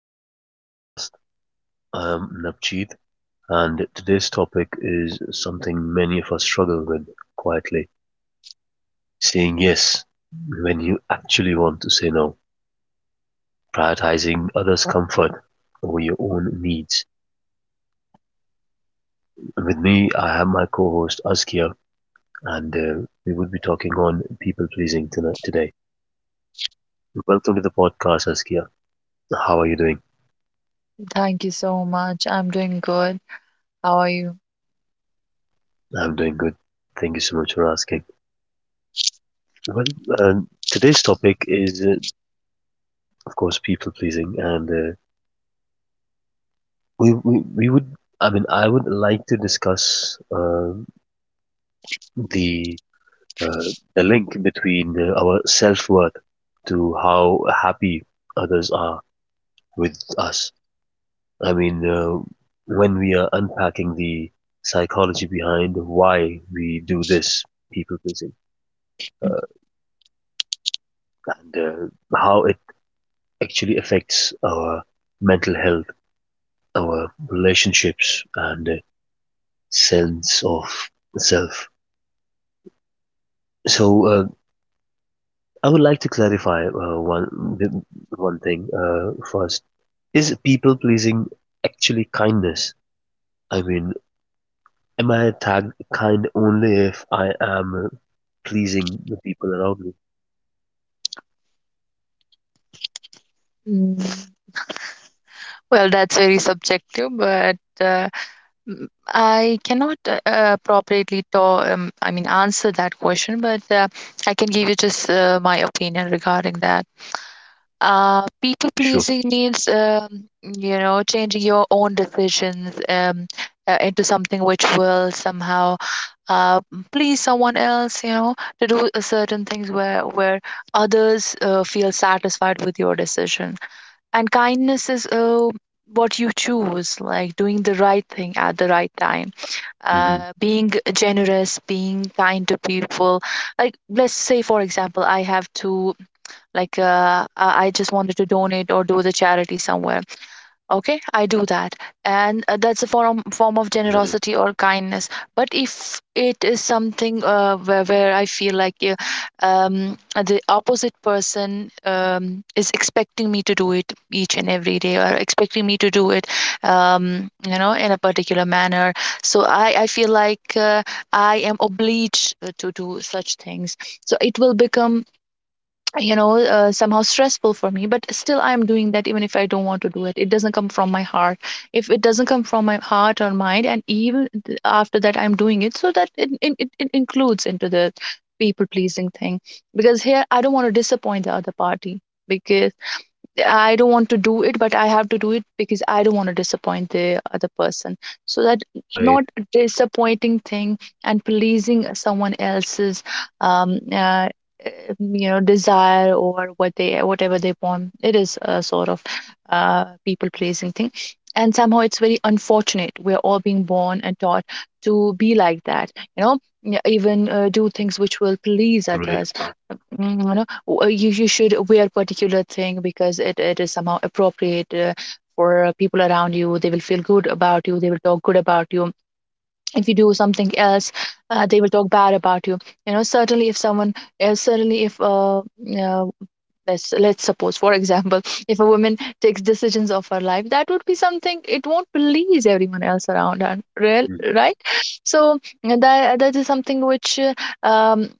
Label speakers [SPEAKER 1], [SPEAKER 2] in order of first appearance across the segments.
[SPEAKER 1] back to the podcast. I am Navjeet, and today's topic is something many of us struggle with quietly, saying yes when you actually want to say no, prioritizing others' comfort over your own needs. With me, I have my co host Askia, and we will be talking on people pleasing tonight today. Welcome to the podcast, Askia. How are you doing?
[SPEAKER 2] Thank you so much. I'm doing good. How are you?
[SPEAKER 1] I'm doing good. Thank you so much for asking. Well, today's topic is of course, people pleasing, and we would. I mean, I would like to discuss um the uh, the link between our self worth to how happy others are with us. I mean, when we are unpacking the psychology behind why we do this people pleasing, uh, and how it actually affects our mental health, our relationships, and sense of self. So, I would like to clarify one thing first. Is people pleasing actually kindness? I mean, am I tagged kind only if I am pleasing the people around me?
[SPEAKER 2] Mm. Well, that's very subjective, but I cannot appropriately to answer that question, but I can give you just my opinion regarding that. People
[SPEAKER 1] Sure.
[SPEAKER 2] pleasing means, changing your own decisions into something which will somehow uh, please someone else, you know, to do a certain things where others feel satisfied with your decision. And kindness is what you choose, like doing the right thing at the right time,
[SPEAKER 1] Hmm.
[SPEAKER 2] being generous, being kind to people. Like let's say, for example, I have two like I just wanted to donate or do the charity somewhere, okay, I do that, and that's a form of
[SPEAKER 1] Right.
[SPEAKER 2] generosity or kindness. But if it is something where I feel like um, the opposite person um, is expecting me to do it each and every day, or expecting me to do it um, you know, in a particular manner, so I feel like I am obliged to do such things, so it will become, you know, somehow stressful for me, but still I'm doing that, even if I don't want to do it. It doesn't come from my heart. If it doesn't come from my heart or mind, and even after that I'm doing it, so that it includes into the people pleasing thing, because here I don't want to disappoint the other party because. I don't want to do it, but I have to do it because I don't want to disappoint the other person. So that
[SPEAKER 1] Right.
[SPEAKER 2] not disappointing thing and pleasing someone else's, um, uh, you know, desire or what they whatever they want. It is a sort of people pleasing thing, and somehow it's very unfortunate. We're all being born and taught to be like that. You know, yeah, even do things which will please
[SPEAKER 1] Correct.
[SPEAKER 2] others. Mm, you know, you should wear particular thing because it is somehow appropriate for people around you. They will feel good about you. They will talk good about you. If you do something else, they will talk bad about you. You know, certainly if uh, let's suppose, for example, if a woman takes decisions of her life, that would be something, it won't please everyone else around right? So that is something which, um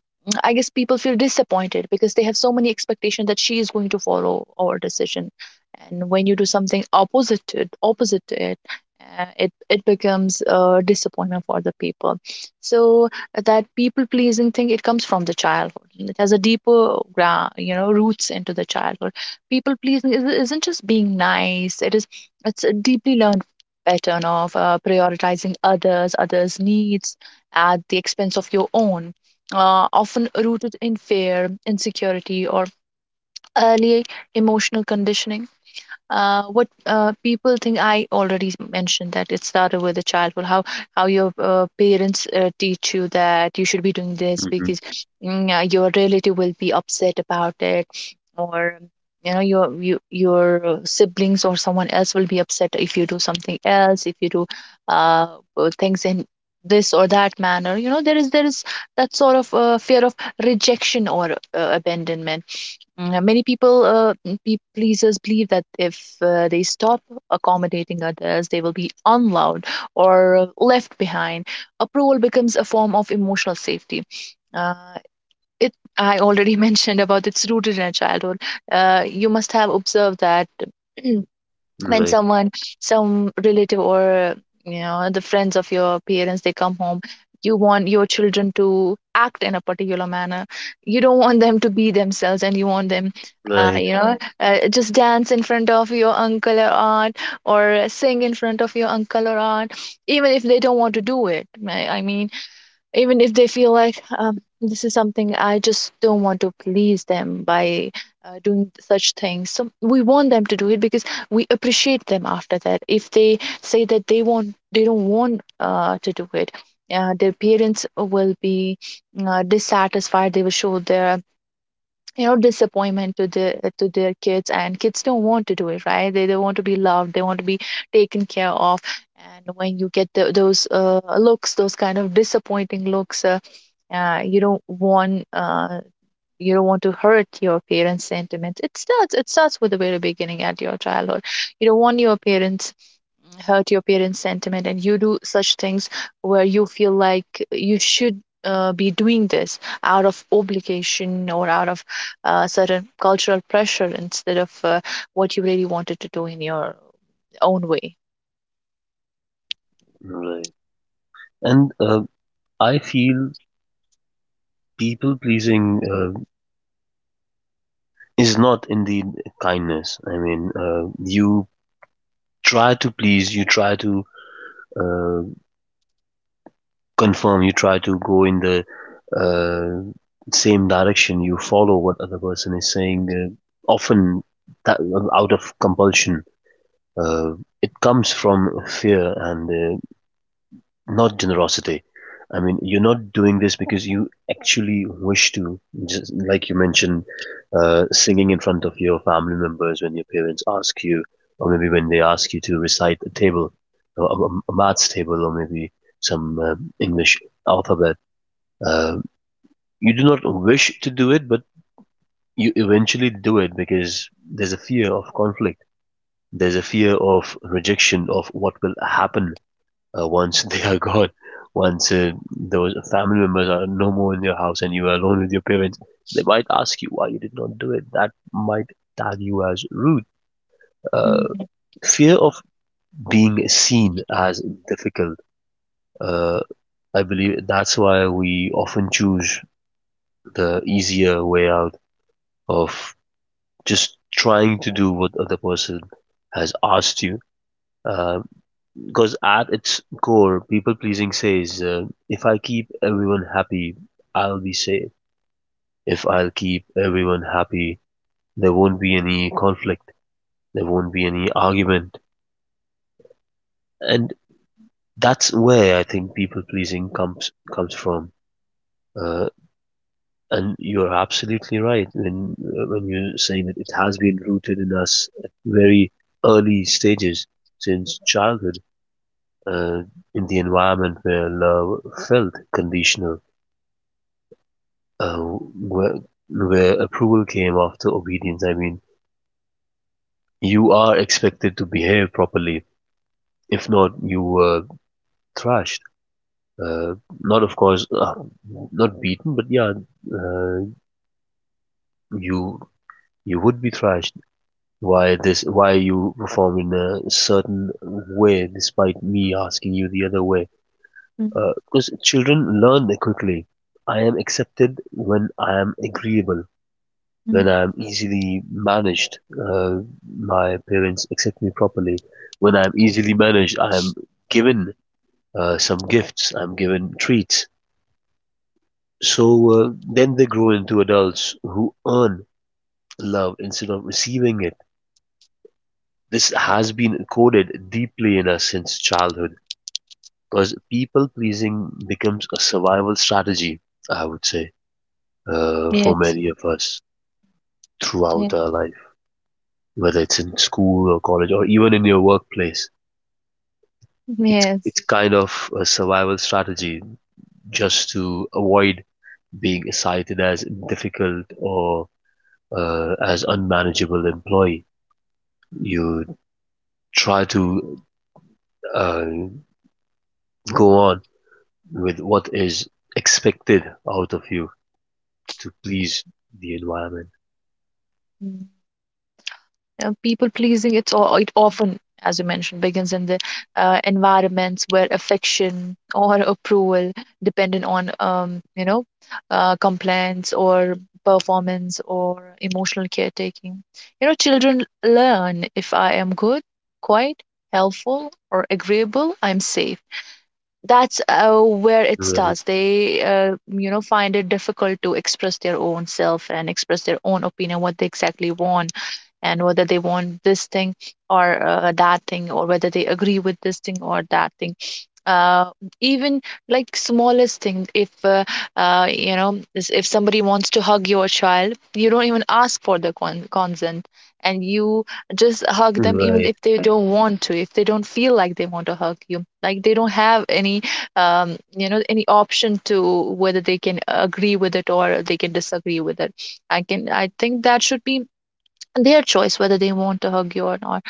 [SPEAKER 2] I guess, people feel disappointed because they have so many expectations that she is going to follow our decision, and when you do something opposite to it, it it becomes a disappointment for the people. So that people pleasing thing, it comes from the childhood, and it has a deeper you know, roots into the childhood. People pleasing isn't just being nice. It is, it's a deeply learned pattern of prioritizing others needs at the expense of your own, often rooted in fear, insecurity, or early emotional conditioning. What People think, I already mentioned that it started with the childhood, how your parents teach you that you should be doing this
[SPEAKER 1] Mm-hmm.
[SPEAKER 2] because, mm, your relative will be upset about it, or you know, your siblings or someone else will be upset if you do something else, if you do uh, things in this or that manner. You know, there is that sort of fear of rejection or abandonment. Mm, many people, pleasers, believe that if they stop accommodating others, they will be unloved or left behind. Approval becomes a form of emotional safety. Uh, it I already mentioned about, it's rooted in a childhood. You must have observed that when
[SPEAKER 1] Right.
[SPEAKER 2] someone, some relative, or you know, the friends of your parents, they come home, you want your children to act in a particular manner. You don't want them to be themselves, and you want them,
[SPEAKER 1] Right.
[SPEAKER 2] you know, mm, just dance in front of your uncle or aunt, or sing in front of your uncle or aunt, even if they don't want to do it. I mean, even if they feel like, this is something I just don't want to please them by doing such things. So we want them to do it because we appreciate them after that. If they say that they want, they don't want to do it, their parents will be dissatisfied. They will show their, you know, disappointment to the to their kids, and kids don't want to do it, right? They want to be loved. They want to be taken care of. And when you get the, those looks, those kind of disappointing looks uh, you don't want uh, you don't want to hurt your parents' sentiments. It starts with the very beginning at your childhood. You don't want your parents, hurt your parents' sentiment, and you do such things where you feel like you should. Be doing this out of obligation or out of certain cultural pressure instead of what you really wanted to do in your own way.
[SPEAKER 1] Right. And I feel people pleasing is not indeed kindness. I mean, you try to please, you try to uh, confirm you try to go in the uh, same direction, you follow what other person is saying, often that out of compulsion. uh, it comes from fear and not generosity. I mean, you're not doing this because you actually wish to. Just like you mentioned, singing in front of your family members when your parents ask you, or maybe when they ask you to recite a table, a maths table, or maybe some english alphabet, uh, you do not wish to do it, but you eventually do it because there's a fear of conflict. There's a fear of rejection of what will happen once they are gone, once those family members are no more in your house and you are alone with your parents. They might ask you why you did not do it. That might tag you as rude. Uh,
[SPEAKER 2] Mm,
[SPEAKER 1] Fear of being seen as difficult. Uh, I believe that's why we often choose the easier way out of just trying to do what other person has asked you, because at its core people pleasing says, if I keep everyone happy, I'll be safe. If I'll keep everyone happy, there won't be any conflict, there won't be any argument. And that's where I think people pleasing comes from, uh, and you're absolutely right when you're saying that it has been rooted in us at very early stages since childhood, uh, in the environment where love felt conditional, uh, where, where approval came after obedience. I mean, you are expected to behave properly. If not, you were thrashed. Uh, not, of course, not beaten, but yeah, uh, you you would be thrashed. Why this? Why you perform in a certain way despite me asking you the other way?
[SPEAKER 2] mm,
[SPEAKER 1] Because children learn quickly. I am accepted when I am agreeable, when
[SPEAKER 2] mm.
[SPEAKER 1] I am easily managed. My parents accept me properly. When I am easily managed, I am given some gifts, I am given treats. So then they grow into adults who earn love instead of receiving it. This has been coded deeply in us since childhood because people pleasing becomes a survival strategy, I would say, for
[SPEAKER 2] Yes,
[SPEAKER 1] many of us
[SPEAKER 2] yes,
[SPEAKER 1] throughout our life, whether it's in school or college or even in your workplace. It's
[SPEAKER 2] yes.
[SPEAKER 1] it's kind of a survival strategy, just to avoid being cited as difficult or as unmanageable employee. You try to uh, go on with what is expected out of you to please the environment.
[SPEAKER 2] People pleasing, it's all, it often, as you mentioned, begins in the environments where affection or approval dependent on, you know, complaints or performance or emotional caretaking. You know, children learn, if I am good, quiet, helpful, or agreeable, I'm safe. That's where it
[SPEAKER 1] Right,
[SPEAKER 2] starts. They you know, find it difficult to express their own self and express their own opinion, what they exactly want, and whether they want this thing or that thing, or whether they agree with this thing or that thing, uh even like smallest thing, if you know, if somebody wants to hug your child, you don't even ask for the consent, and you just hug them even
[SPEAKER 1] right,
[SPEAKER 2] if they don't want to, if they don't feel like they want to hug you, like they don't have any, you know, any option to whether they can agree with it or they can disagree with it. I think that should be their choice, whether they want to hug you or not.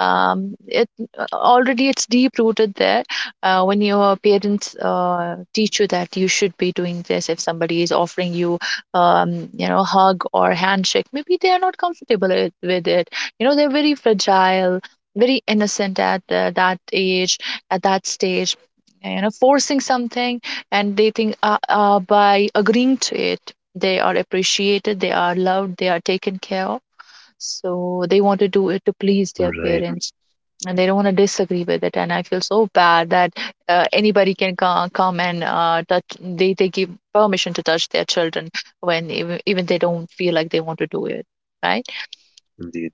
[SPEAKER 2] It Already it's deep rooted there, when your parents teach you that you should be doing this. If somebody is offering you, you know, hug or handshake, maybe they are not comfortable with it. You know, they're very fragile, very innocent at that age, at that stage. You know, forcing something, and they think, by agreeing to it, they are appreciated, they are loved, they are taken care of, so they want to do it to please their
[SPEAKER 1] right,
[SPEAKER 2] parents, and they don't want to disagree with it. And I feel so bad that anybody can come and they give permission to touch their children when even they don't feel like they want to do it. Right.
[SPEAKER 1] indeed.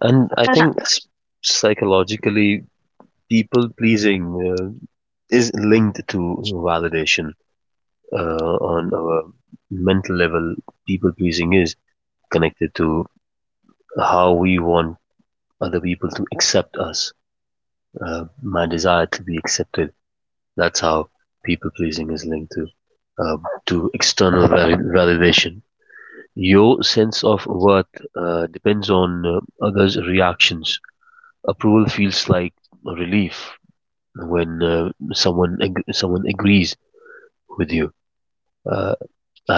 [SPEAKER 1] And I
[SPEAKER 2] And,
[SPEAKER 1] think psychologically people pleasing uh, is linked to validation on our mental level. People pleasing is connected to how we want other people to accept us. My desire to be accepted. That's how people pleasing is linked uh, to external validation. Your sense of worth depends on others' reactions. Approval feels like relief when someone agrees with you. Uh,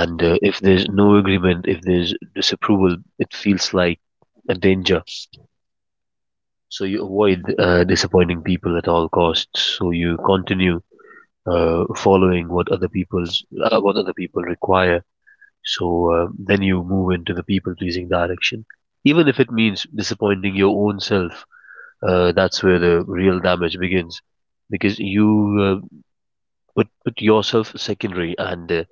[SPEAKER 1] and if there's no agreement, if there's disapproval, it feels like a danger. So you avoid disappointing people at all costs. So you continue following what other people's, what other people require. So then you move into the people pleasing direction, even if it means disappointing your own self. That's where the real damage begins, because you put yourself secondary, and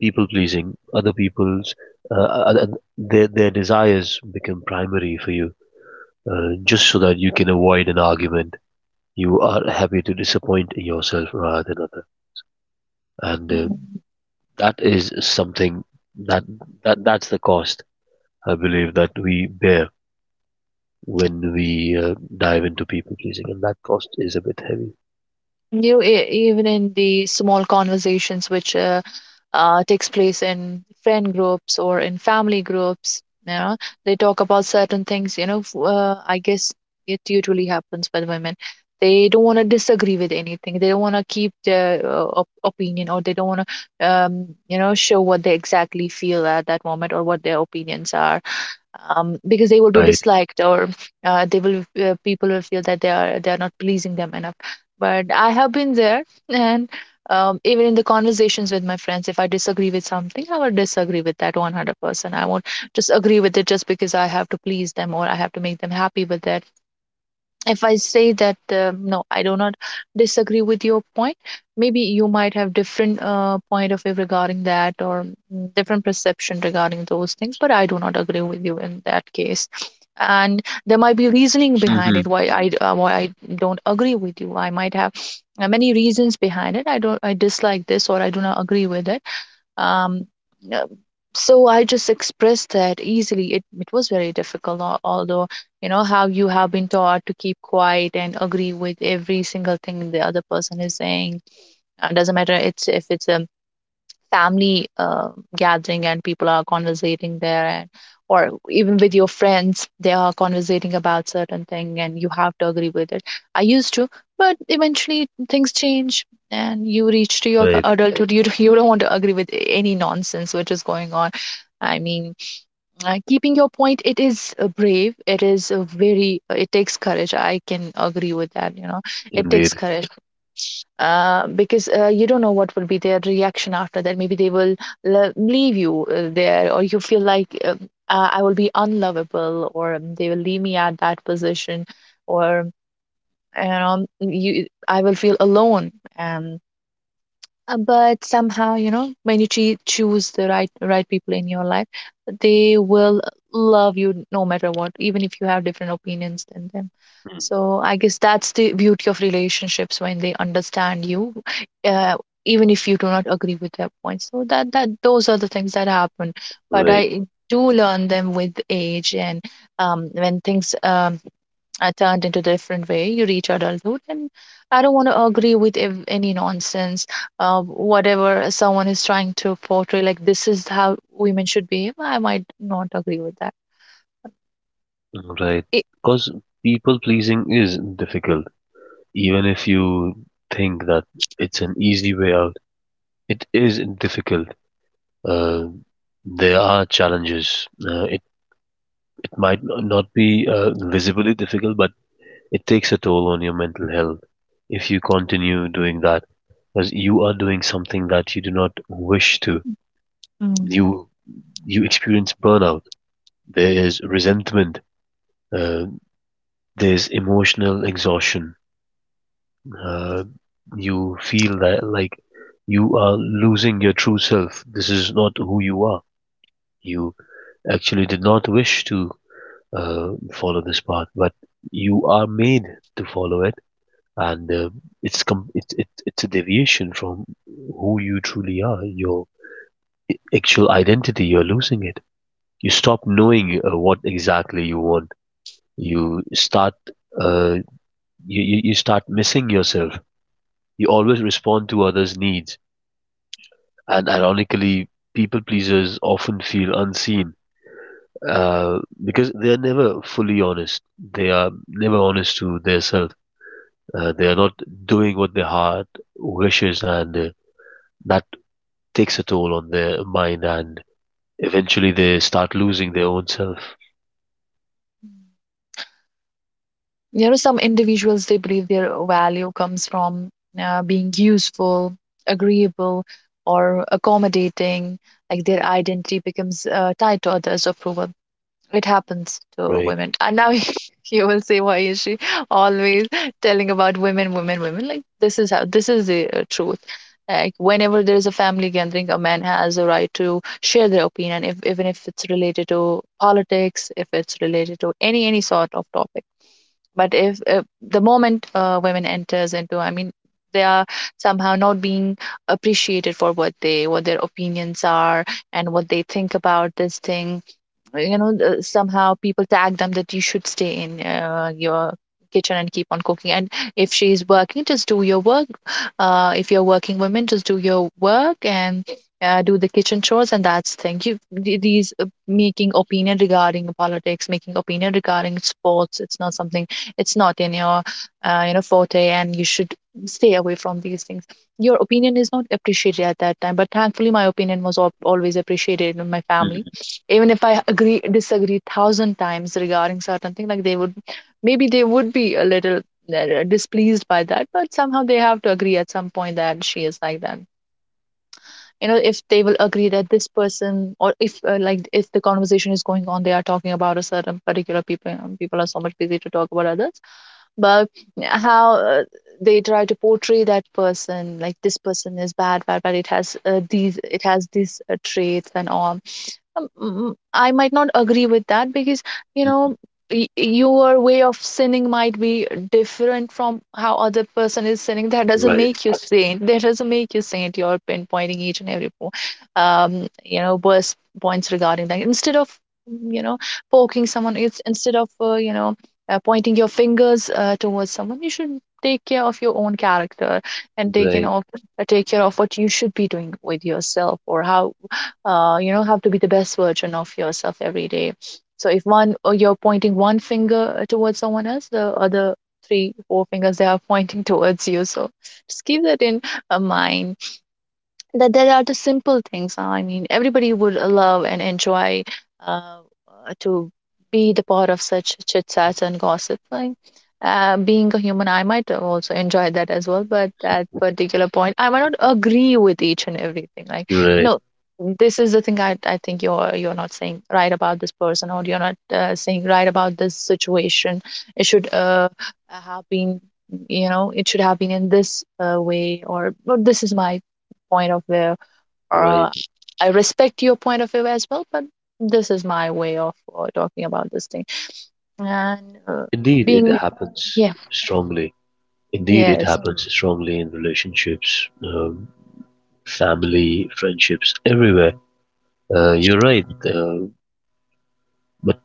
[SPEAKER 1] people pleasing other people's, uh, uh, their desires become primary for you, just so that you can avoid an argument. You are happy to disappoint yourself rather than other, and
[SPEAKER 2] mm,
[SPEAKER 1] that is something that that that's the cost, I believe, that we bear when we uh, dive into people pleasing, and that cost is a bit heavy.
[SPEAKER 2] you know, even in the small conversations which takes place in friend groups or in family groups. You know, they talk about certain things. You know, I guess it usually happens with women. They don't want to disagree with anything. They don't want to keep their opinion, or they don't want to show what they exactly feel at that moment or what their opinions are, because they will be
[SPEAKER 1] Right.
[SPEAKER 2] disliked, or they will, people will feel that they are not pleasing them enough. But I have been there. And even in the conversations with my friends, if I disagree with something, I will disagree with that 100%. I won't just agree with it just because I have to please them or I have to make them happy with that. If I say that, no, I do not disagree with your point. Maybe you might have different point of view regarding that, or different perception regarding those things, but I do not agree with you in that case. And there might be reasoning behind
[SPEAKER 1] Hmm.
[SPEAKER 2] it, why I, why I don't agree with you. I might have many reasons behind it. I don't i dislike this, or I do not agree with it. um, uh, so I just expressed that easily. It was very difficult, although you know how you have been taught to keep quiet and agree with every single thing the other person is saying. Doesn't matter, it's if it's a family gathering and people are conversating there, and or even with your friends they are conversating about certain thing, and you have to agree with it. I used to. But eventually things change, and you reach to your
[SPEAKER 1] Right.
[SPEAKER 2] adulthood. You do you don't want to agree with any nonsense which is going on. I mean, keeping your point, it is brave. It is a very it takes courage. I can agree with that, you know. It
[SPEAKER 1] Indeed.
[SPEAKER 2] takes courage. Because you don't know what will be their reaction after that. Maybe they will leave you there, or you feel like, I will be unlovable, or they will leave me at that position, or you know, you I will feel alone. Um, but somehow, you know, when you choose the right people in your life, they will love you no matter what, even if you have different opinions than them.
[SPEAKER 1] Mm.
[SPEAKER 2] So I guess that's the beauty of relationships, when they understand you, uh, even if you do not agree with their points. So that that those are the things that happen. But
[SPEAKER 1] Right.
[SPEAKER 2] I do learn them with age. And when things I turned into a different way. You reach adulthood, and I don't want to agree with any nonsense, whatever someone is trying to portray. Like, this is how women should behave. I might not agree with that.
[SPEAKER 1] Right.
[SPEAKER 2] It,
[SPEAKER 1] Because people pleasing is difficult. Even if you think that it's an easy way out, it is difficult. Uh, there are challenges. It might not be visibly difficult, but it takes a toll on your mental health if you continue doing that, because you are doing something that you do not wish to.
[SPEAKER 2] Mm.
[SPEAKER 1] You you experience burnout. There is resentment. Uh, there's emotional exhaustion. uh, you feel that like you are losing your true self. This is not who you are. You actually did not wish to follow this path, but you are made to follow it, and it's com- it, it's a deviation from who you truly are. Your actual identity, you're losing it. You stop knowing what exactly you want. You start uh, you start missing yourself. You always respond to others' needs. And ironically, people pleasers often feel unseen, because they are never fully honest. They are never honest to themselves. They are not doing what their heart wishes, and that takes a toll on their mind. And eventually, they start losing their own self.
[SPEAKER 2] You know, some individuals, they believe their value comes from being useful, agreeable, or accommodating. Like, their identity becomes tied to others' approval. It happens to
[SPEAKER 1] Right.
[SPEAKER 2] women, and now you will say, why is she always telling about women, women, women. Like, this is the truth. Like, whenever there is a family gathering, a man has a right to share their opinion, if even if it's related to politics, if it's related to any sort of topic. But if the moment women enters into, I mean, they are somehow not being appreciated for what their opinions are, and what they think about this thing. You know, somehow people tag them that you should stay in your kitchen and keep on cooking, and if she's working, just do your work. If you're working women, just do your work, and do the kitchen chores. And that's thing, you, these making opinion regarding politics, making opinion regarding sports, it's not something, it's not in your you know, forte, and you should stay away from these things. Your opinion is not appreciated at that time. But thankfully, my opinion was al always appreciated in my family, even if I agree, disagree thousand times regarding certain thing. Like, they would maybe they would be a little displeased by that, but somehow they have to agree at some point that she is like that. You know, if they will agree that this person, or if like, if the conversation is going on, they are talking about a certain particular people. You know, people are so much busy to talk about others. But how they try to portray that person. Like, this person is bad, bad, bad. It has these traits and all. I might not agree with that, because you know,
[SPEAKER 1] Mhm.
[SPEAKER 2] your way of sinning might be different from how other person is sinning. That doesn't
[SPEAKER 1] Right.
[SPEAKER 2] make you saint. That doesn't make you saint. You're pinpointing each and every worst points regarding that, instead of, mm, you know poking someone. It's instead of, pointing your fingers towards someone, you should take care of your own character, and
[SPEAKER 1] Right.
[SPEAKER 2] take care of what you should be doing with yourself, or how, have to be the best version of yourself every day. So if one or you're pointing one finger towards someone else, the other three four fingers, they are pointing towards you. So just keep that in mind, that there are the simple things. I mean, everybody would love and enjoy uh, to be the part of such chit chats and gossip. Like, being a human, I might also enjoy that as well. But at particular point, I might not agree with each and everything. Like,
[SPEAKER 1] Right.
[SPEAKER 2] no, this is the thing. I think you're not saying right about this person, or you're not saying right about this situation. It should have been, in this way, or, this is my point of view, or
[SPEAKER 1] Right.
[SPEAKER 2] I respect your point of view as well, but this is my way of talking about this thing. And
[SPEAKER 1] Indeed, it
[SPEAKER 2] being
[SPEAKER 1] happens
[SPEAKER 2] yeah.
[SPEAKER 1] strongly. Indeed, it
[SPEAKER 2] Yes.
[SPEAKER 1] happens strongly in relationships, family, friendships, everywhere. You're right, uh, but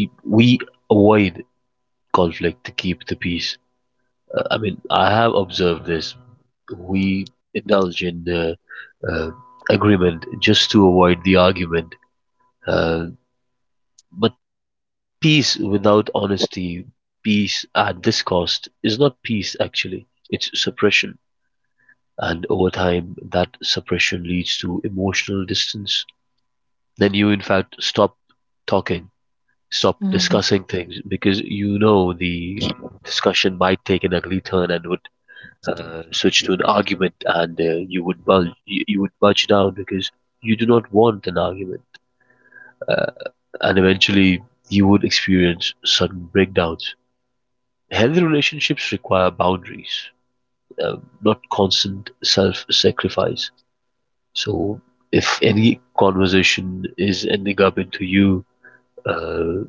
[SPEAKER 1] y- we avoid conflict to keep the peace. I mean, I have observed this. We indulge in uh, agreement just to avoid the argument. Uh, but peace without honesty, peace at this cost, is not peace actually, it's suppression. And over time, that suppression leads to emotional distance. Then you, in fact, stop talking, stop
[SPEAKER 2] Mm.
[SPEAKER 1] discussing things because you know the discussion might take an ugly turn and would switch to an argument, and uh, you would budge down because you do not want an argument, uh, and eventually you would experience sudden breakdowns. Healthy relationships require boundaries, not constant self-sacrifice. So, if any conversation is ending up into you uh,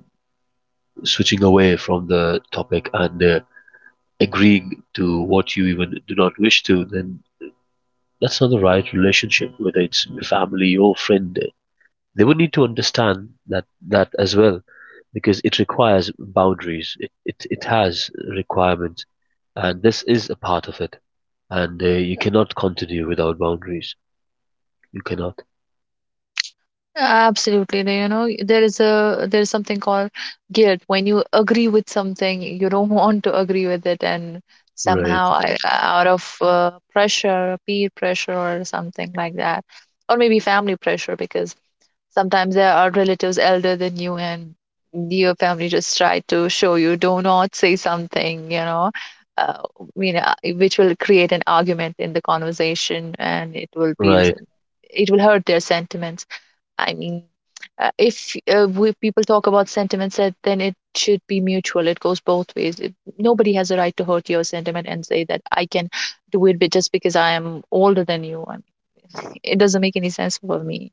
[SPEAKER 1] switching away from the topic and agreeing to what you even do not wish to, then that's not the right relationship, whether it's your family or friend. They would need to understand that that as well, because it requires boundaries. It has requirements, and this is a part of it. And you cannot continue without boundaries. You cannot.
[SPEAKER 2] Absolutely. You know, there is something called guilt. When you agree with something, you don't want to agree with it, and
[SPEAKER 1] Right,
[SPEAKER 2] somehow I, out of pressure, peer pressure, or something like that, or maybe family pressure, because sometimes there are relatives elder than you, and your family just try to show you, do not say something, you know, uh, which will create an argument in the conversation, and it will be,
[SPEAKER 1] right,
[SPEAKER 2] it will hurt their sentiments. I mean, if we, people talk about sentiments, that then it should be mutual. It goes both ways. Nobody has a right to hurt your sentiment and say that I can do it, just because I am older than you. I mean, it doesn't make any sense for me.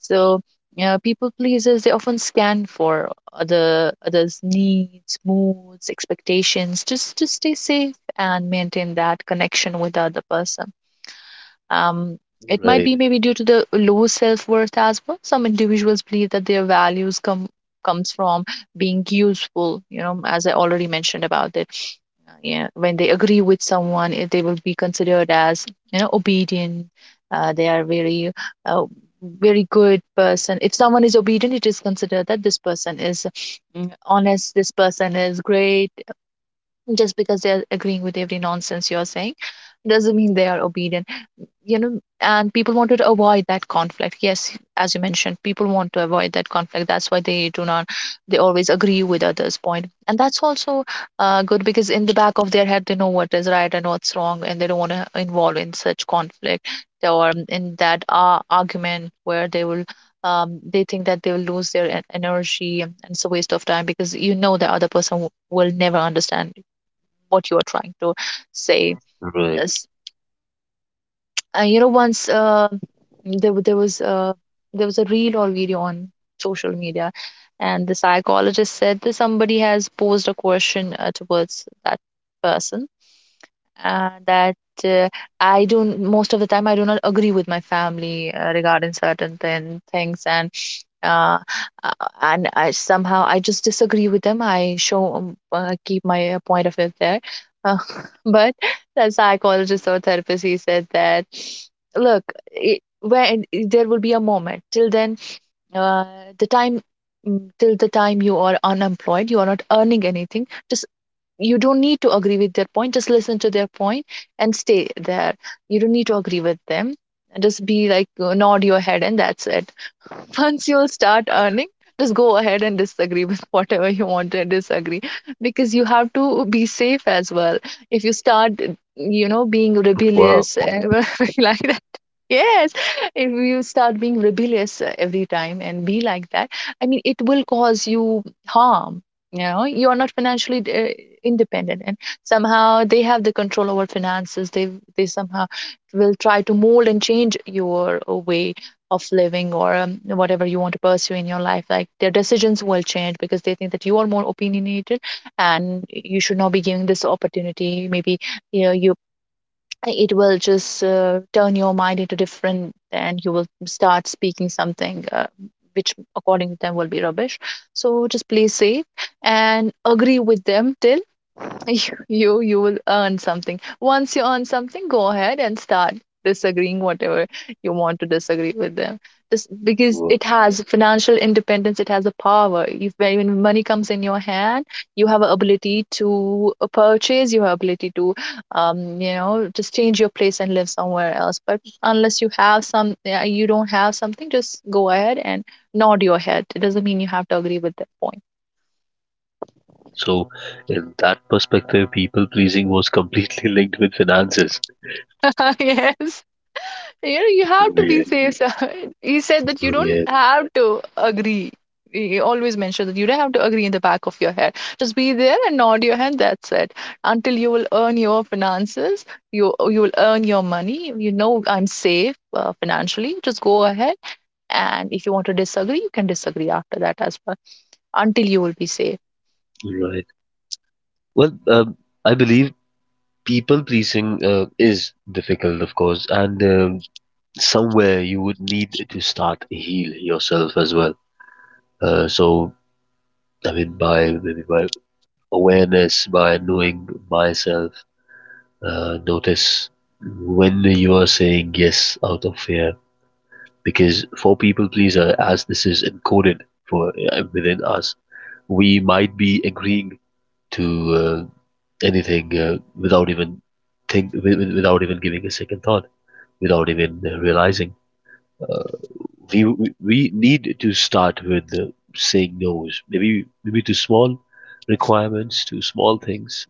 [SPEAKER 2] So yeah, people pleasers, they often scan for others' needs, moods, expectations, just to stay safe and maintain that connection with the other person. Um, it might
[SPEAKER 1] right,
[SPEAKER 2] be maybe due to the low self-worth as well. Some individuals believe that their values comes from being useful, you know, as I already mentioned about it. Yeah, when they agree with someone, they will be considered as, you know, obedient. They are very, uh, very good person. If someone is obedient, it is considered that this person is, honest, this person is great. Just because they are agreeing with every nonsense you're saying doesn't mean they are obedient, you know. And people wanted to avoid that conflict. Yes, as you mentioned, people want to avoid that conflict. That's why they do not they always agree with others point, and that's also good, because in the back of their head they know what is right and what's wrong, and they don't want to involve in such conflict, or in that argument where they will, they think that they will lose their energy, and it's a waste of time, because you know, the other person will never understand what you are trying to say.
[SPEAKER 1] right.
[SPEAKER 2] You know, once, there wa- there was uh, there was a reel or video on social media, and the psychologist said that somebody has posed a question towards that person, that, uh, I don't most of the time I do not agree with my family regarding certain things, and uh, uh, I somehow, I just disagree with them. I show keep my point of view there, uh, but the psychologist or therapist, he said that, look, when there will be a moment, till then, uh, the time till the time you are unemployed, you are not earning anything. Just, you don't need to agree with their point. Just listen to their point, and stay there. You don't need to agree with them, and just be like, nod your head, and that's it. Once you'll start earning, just go ahead and disagree with whatever you want to disagree, because you have to be safe as well. If you start, you know, being
[SPEAKER 1] Wow.
[SPEAKER 2] rebellious and like that. Yes, if you start being rebellious every time, and be like that, I mean, it will cause you harm. You know, you are not financially independent, and somehow they have the control over finances. They somehow will try to mold and change your way of living, or whatever you want to pursue in your life. Like, their decisions will change because they think that you are more opinionated, and you should not be giving this opportunity. Maybe, you know, you it will just turn your mind into different, and you will start speaking something which according to them will be rubbish. So just play safe and agree with them till you will earn something. Once you earn something, go ahead and start disagreeing whatever you want to disagree with them. Just because
[SPEAKER 1] Wow.
[SPEAKER 2] it has financial independence, it has a power. If When money comes in your hand, you have a ability to purchase, you have ability to you know, just change your place and live somewhere else. But unless you have some, yeah, you don't have something, just go ahead and nod your head. It doesn't mean you have to agree with that point.
[SPEAKER 1] So, in that perspective, people pleasing was completely linked with finances.
[SPEAKER 2] Yes, you know, you have to be
[SPEAKER 1] Weird,
[SPEAKER 2] safe, sir. He said that you don't
[SPEAKER 1] weird.
[SPEAKER 2] have to agree. He always mentioned that you don't have to agree, in the back of your head. Just be there and nod your head. That's it. Until you will earn your finances, you will earn your money. You know, I'm safe financially. Just go ahead, and if you want to disagree, you can disagree after that as well, until you will be safe.
[SPEAKER 1] Right. Well, I believe people pleasing is difficult, of course, and somewhere you would need to start heal yourself as well. So, I mean, by maybe by awareness, by knowing myself, notice when you are saying yes out of fear, because for people pleaser, as this is encoded for within us, we might be agreeing to anything without even think without even giving a second thought, without even realizing. Uh, we we- we need to start with saying no's, maybe to small requirements, to small things.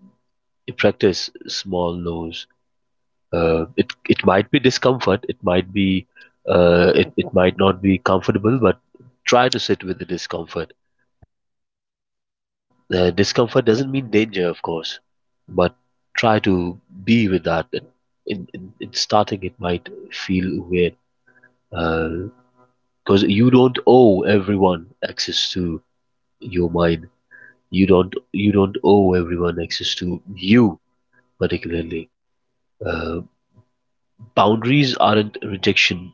[SPEAKER 1] Practice small no's. It might be discomfort, it might be, it might not be comfortable, but try to sit with the discomfort. The discomfort doesn't mean danger, of course, but try to be with that. In starting, it might feel weird because you don't owe everyone access to your mind. You don't owe everyone access to you particularly. Uh, Boundaries aren't rejection;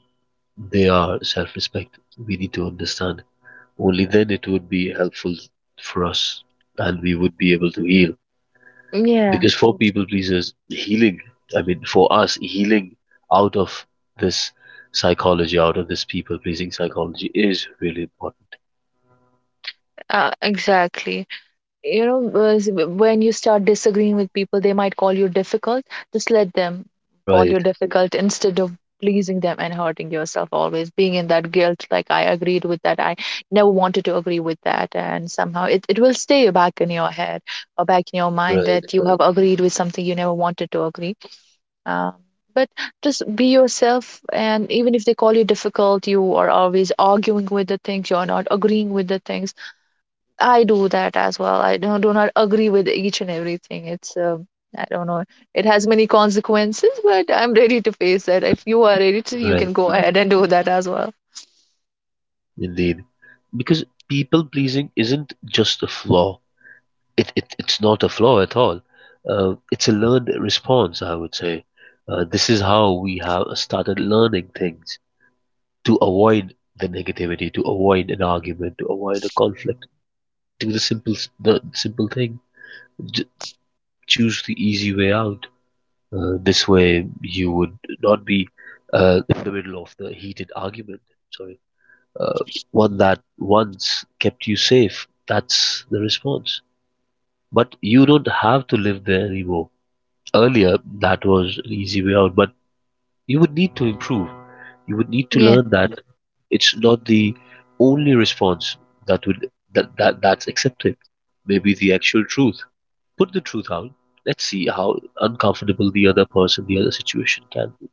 [SPEAKER 1] they are self-respect. We need to understand. Only then it would be helpful for us, and we would be able to heal.
[SPEAKER 2] Yeah,
[SPEAKER 1] Because for people pleasers, healing, I mean, for us, healing out of this psychology, out of this people pleasing psychology is really important.
[SPEAKER 2] exactly. You know, when you start disagreeing with people, they might call you difficult. Just let them call you
[SPEAKER 1] Right,
[SPEAKER 2] difficult, instead of pleasing them and hurting yourself, always being in that guilt, like, I agreed with that, I never wanted to agree with that. And somehow it will stay back in your head, or back in your mind,
[SPEAKER 1] right,
[SPEAKER 2] that you have agreed with something you never wanted to agree. Um, but just be yourself, and even if they call you difficult, you are always arguing with the things, you're not agreeing with the things. I do that as well. I do not agree with each and everything. It's, I don't know, it has many consequences, but I'm ready to face that. If you are ready to, you
[SPEAKER 1] right,
[SPEAKER 2] can go ahead and do that as well.
[SPEAKER 1] indeed. Because people pleasing isn't just a flaw, it's not a flaw at all. It's a learned response, I would say. This is how we have started learning things to avoid the negativity, to avoid an argument, to avoid a conflict. Do the simple, the simple thing, d- choose the easy way out. This way, you would not be in the middle of the heated argument. Sorry, uh, one that once kept you safe. That's the response. But you don't have to live there anymore. Earlier, that was an easy way out, but you would need to improve. You would need to
[SPEAKER 2] Yeah.
[SPEAKER 1] learn that it's not the only response that that's accepted. Maybe the actual truth, put the truth out. Let's see how uncomfortable the other person, the other situation can be.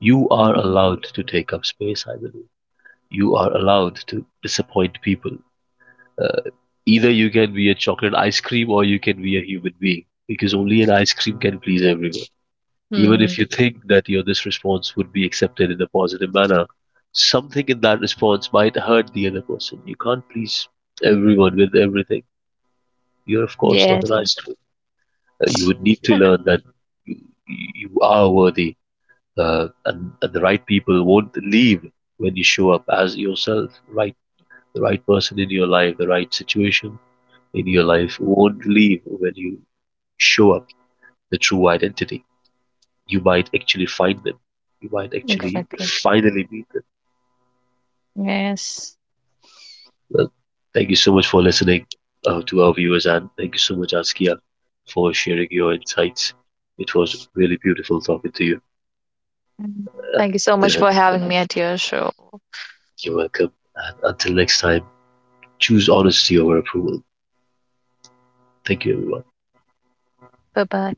[SPEAKER 1] You are
[SPEAKER 2] Mm.
[SPEAKER 1] allowed to take up space, I believe. You are allowed to disappoint people. Uh, either you can be a chocolate ice cream or you can be a human being, because only an ice cream can please everyone. Even
[SPEAKER 2] Mm.
[SPEAKER 1] if you think that your this response would be accepted in a positive manner, something in that response might hurt the other person. You can't please everyone with everything. You're of course not
[SPEAKER 2] Yes,
[SPEAKER 1] an ice cream. You would need to learn that you, you are worthy, and and the right people won't leave when you show up as yourself. Right, the right person in your life, the right situation in your life, won't leave when you show up the true identity. You might actually find them, you might actually
[SPEAKER 2] exactly.
[SPEAKER 1] finally meet them.
[SPEAKER 2] Yes.
[SPEAKER 1] Well, thank you so much for listening to our viewers, and thank you so much Askia for sharing your insights. It was really beautiful talking to you.
[SPEAKER 2] Mm.
[SPEAKER 1] Uh,
[SPEAKER 2] Thank you so much
[SPEAKER 1] the
[SPEAKER 2] for having me at your show.
[SPEAKER 1] You're welcome. And until next time, choose honesty over approval. Thank you, everyone.
[SPEAKER 2] Bye bye.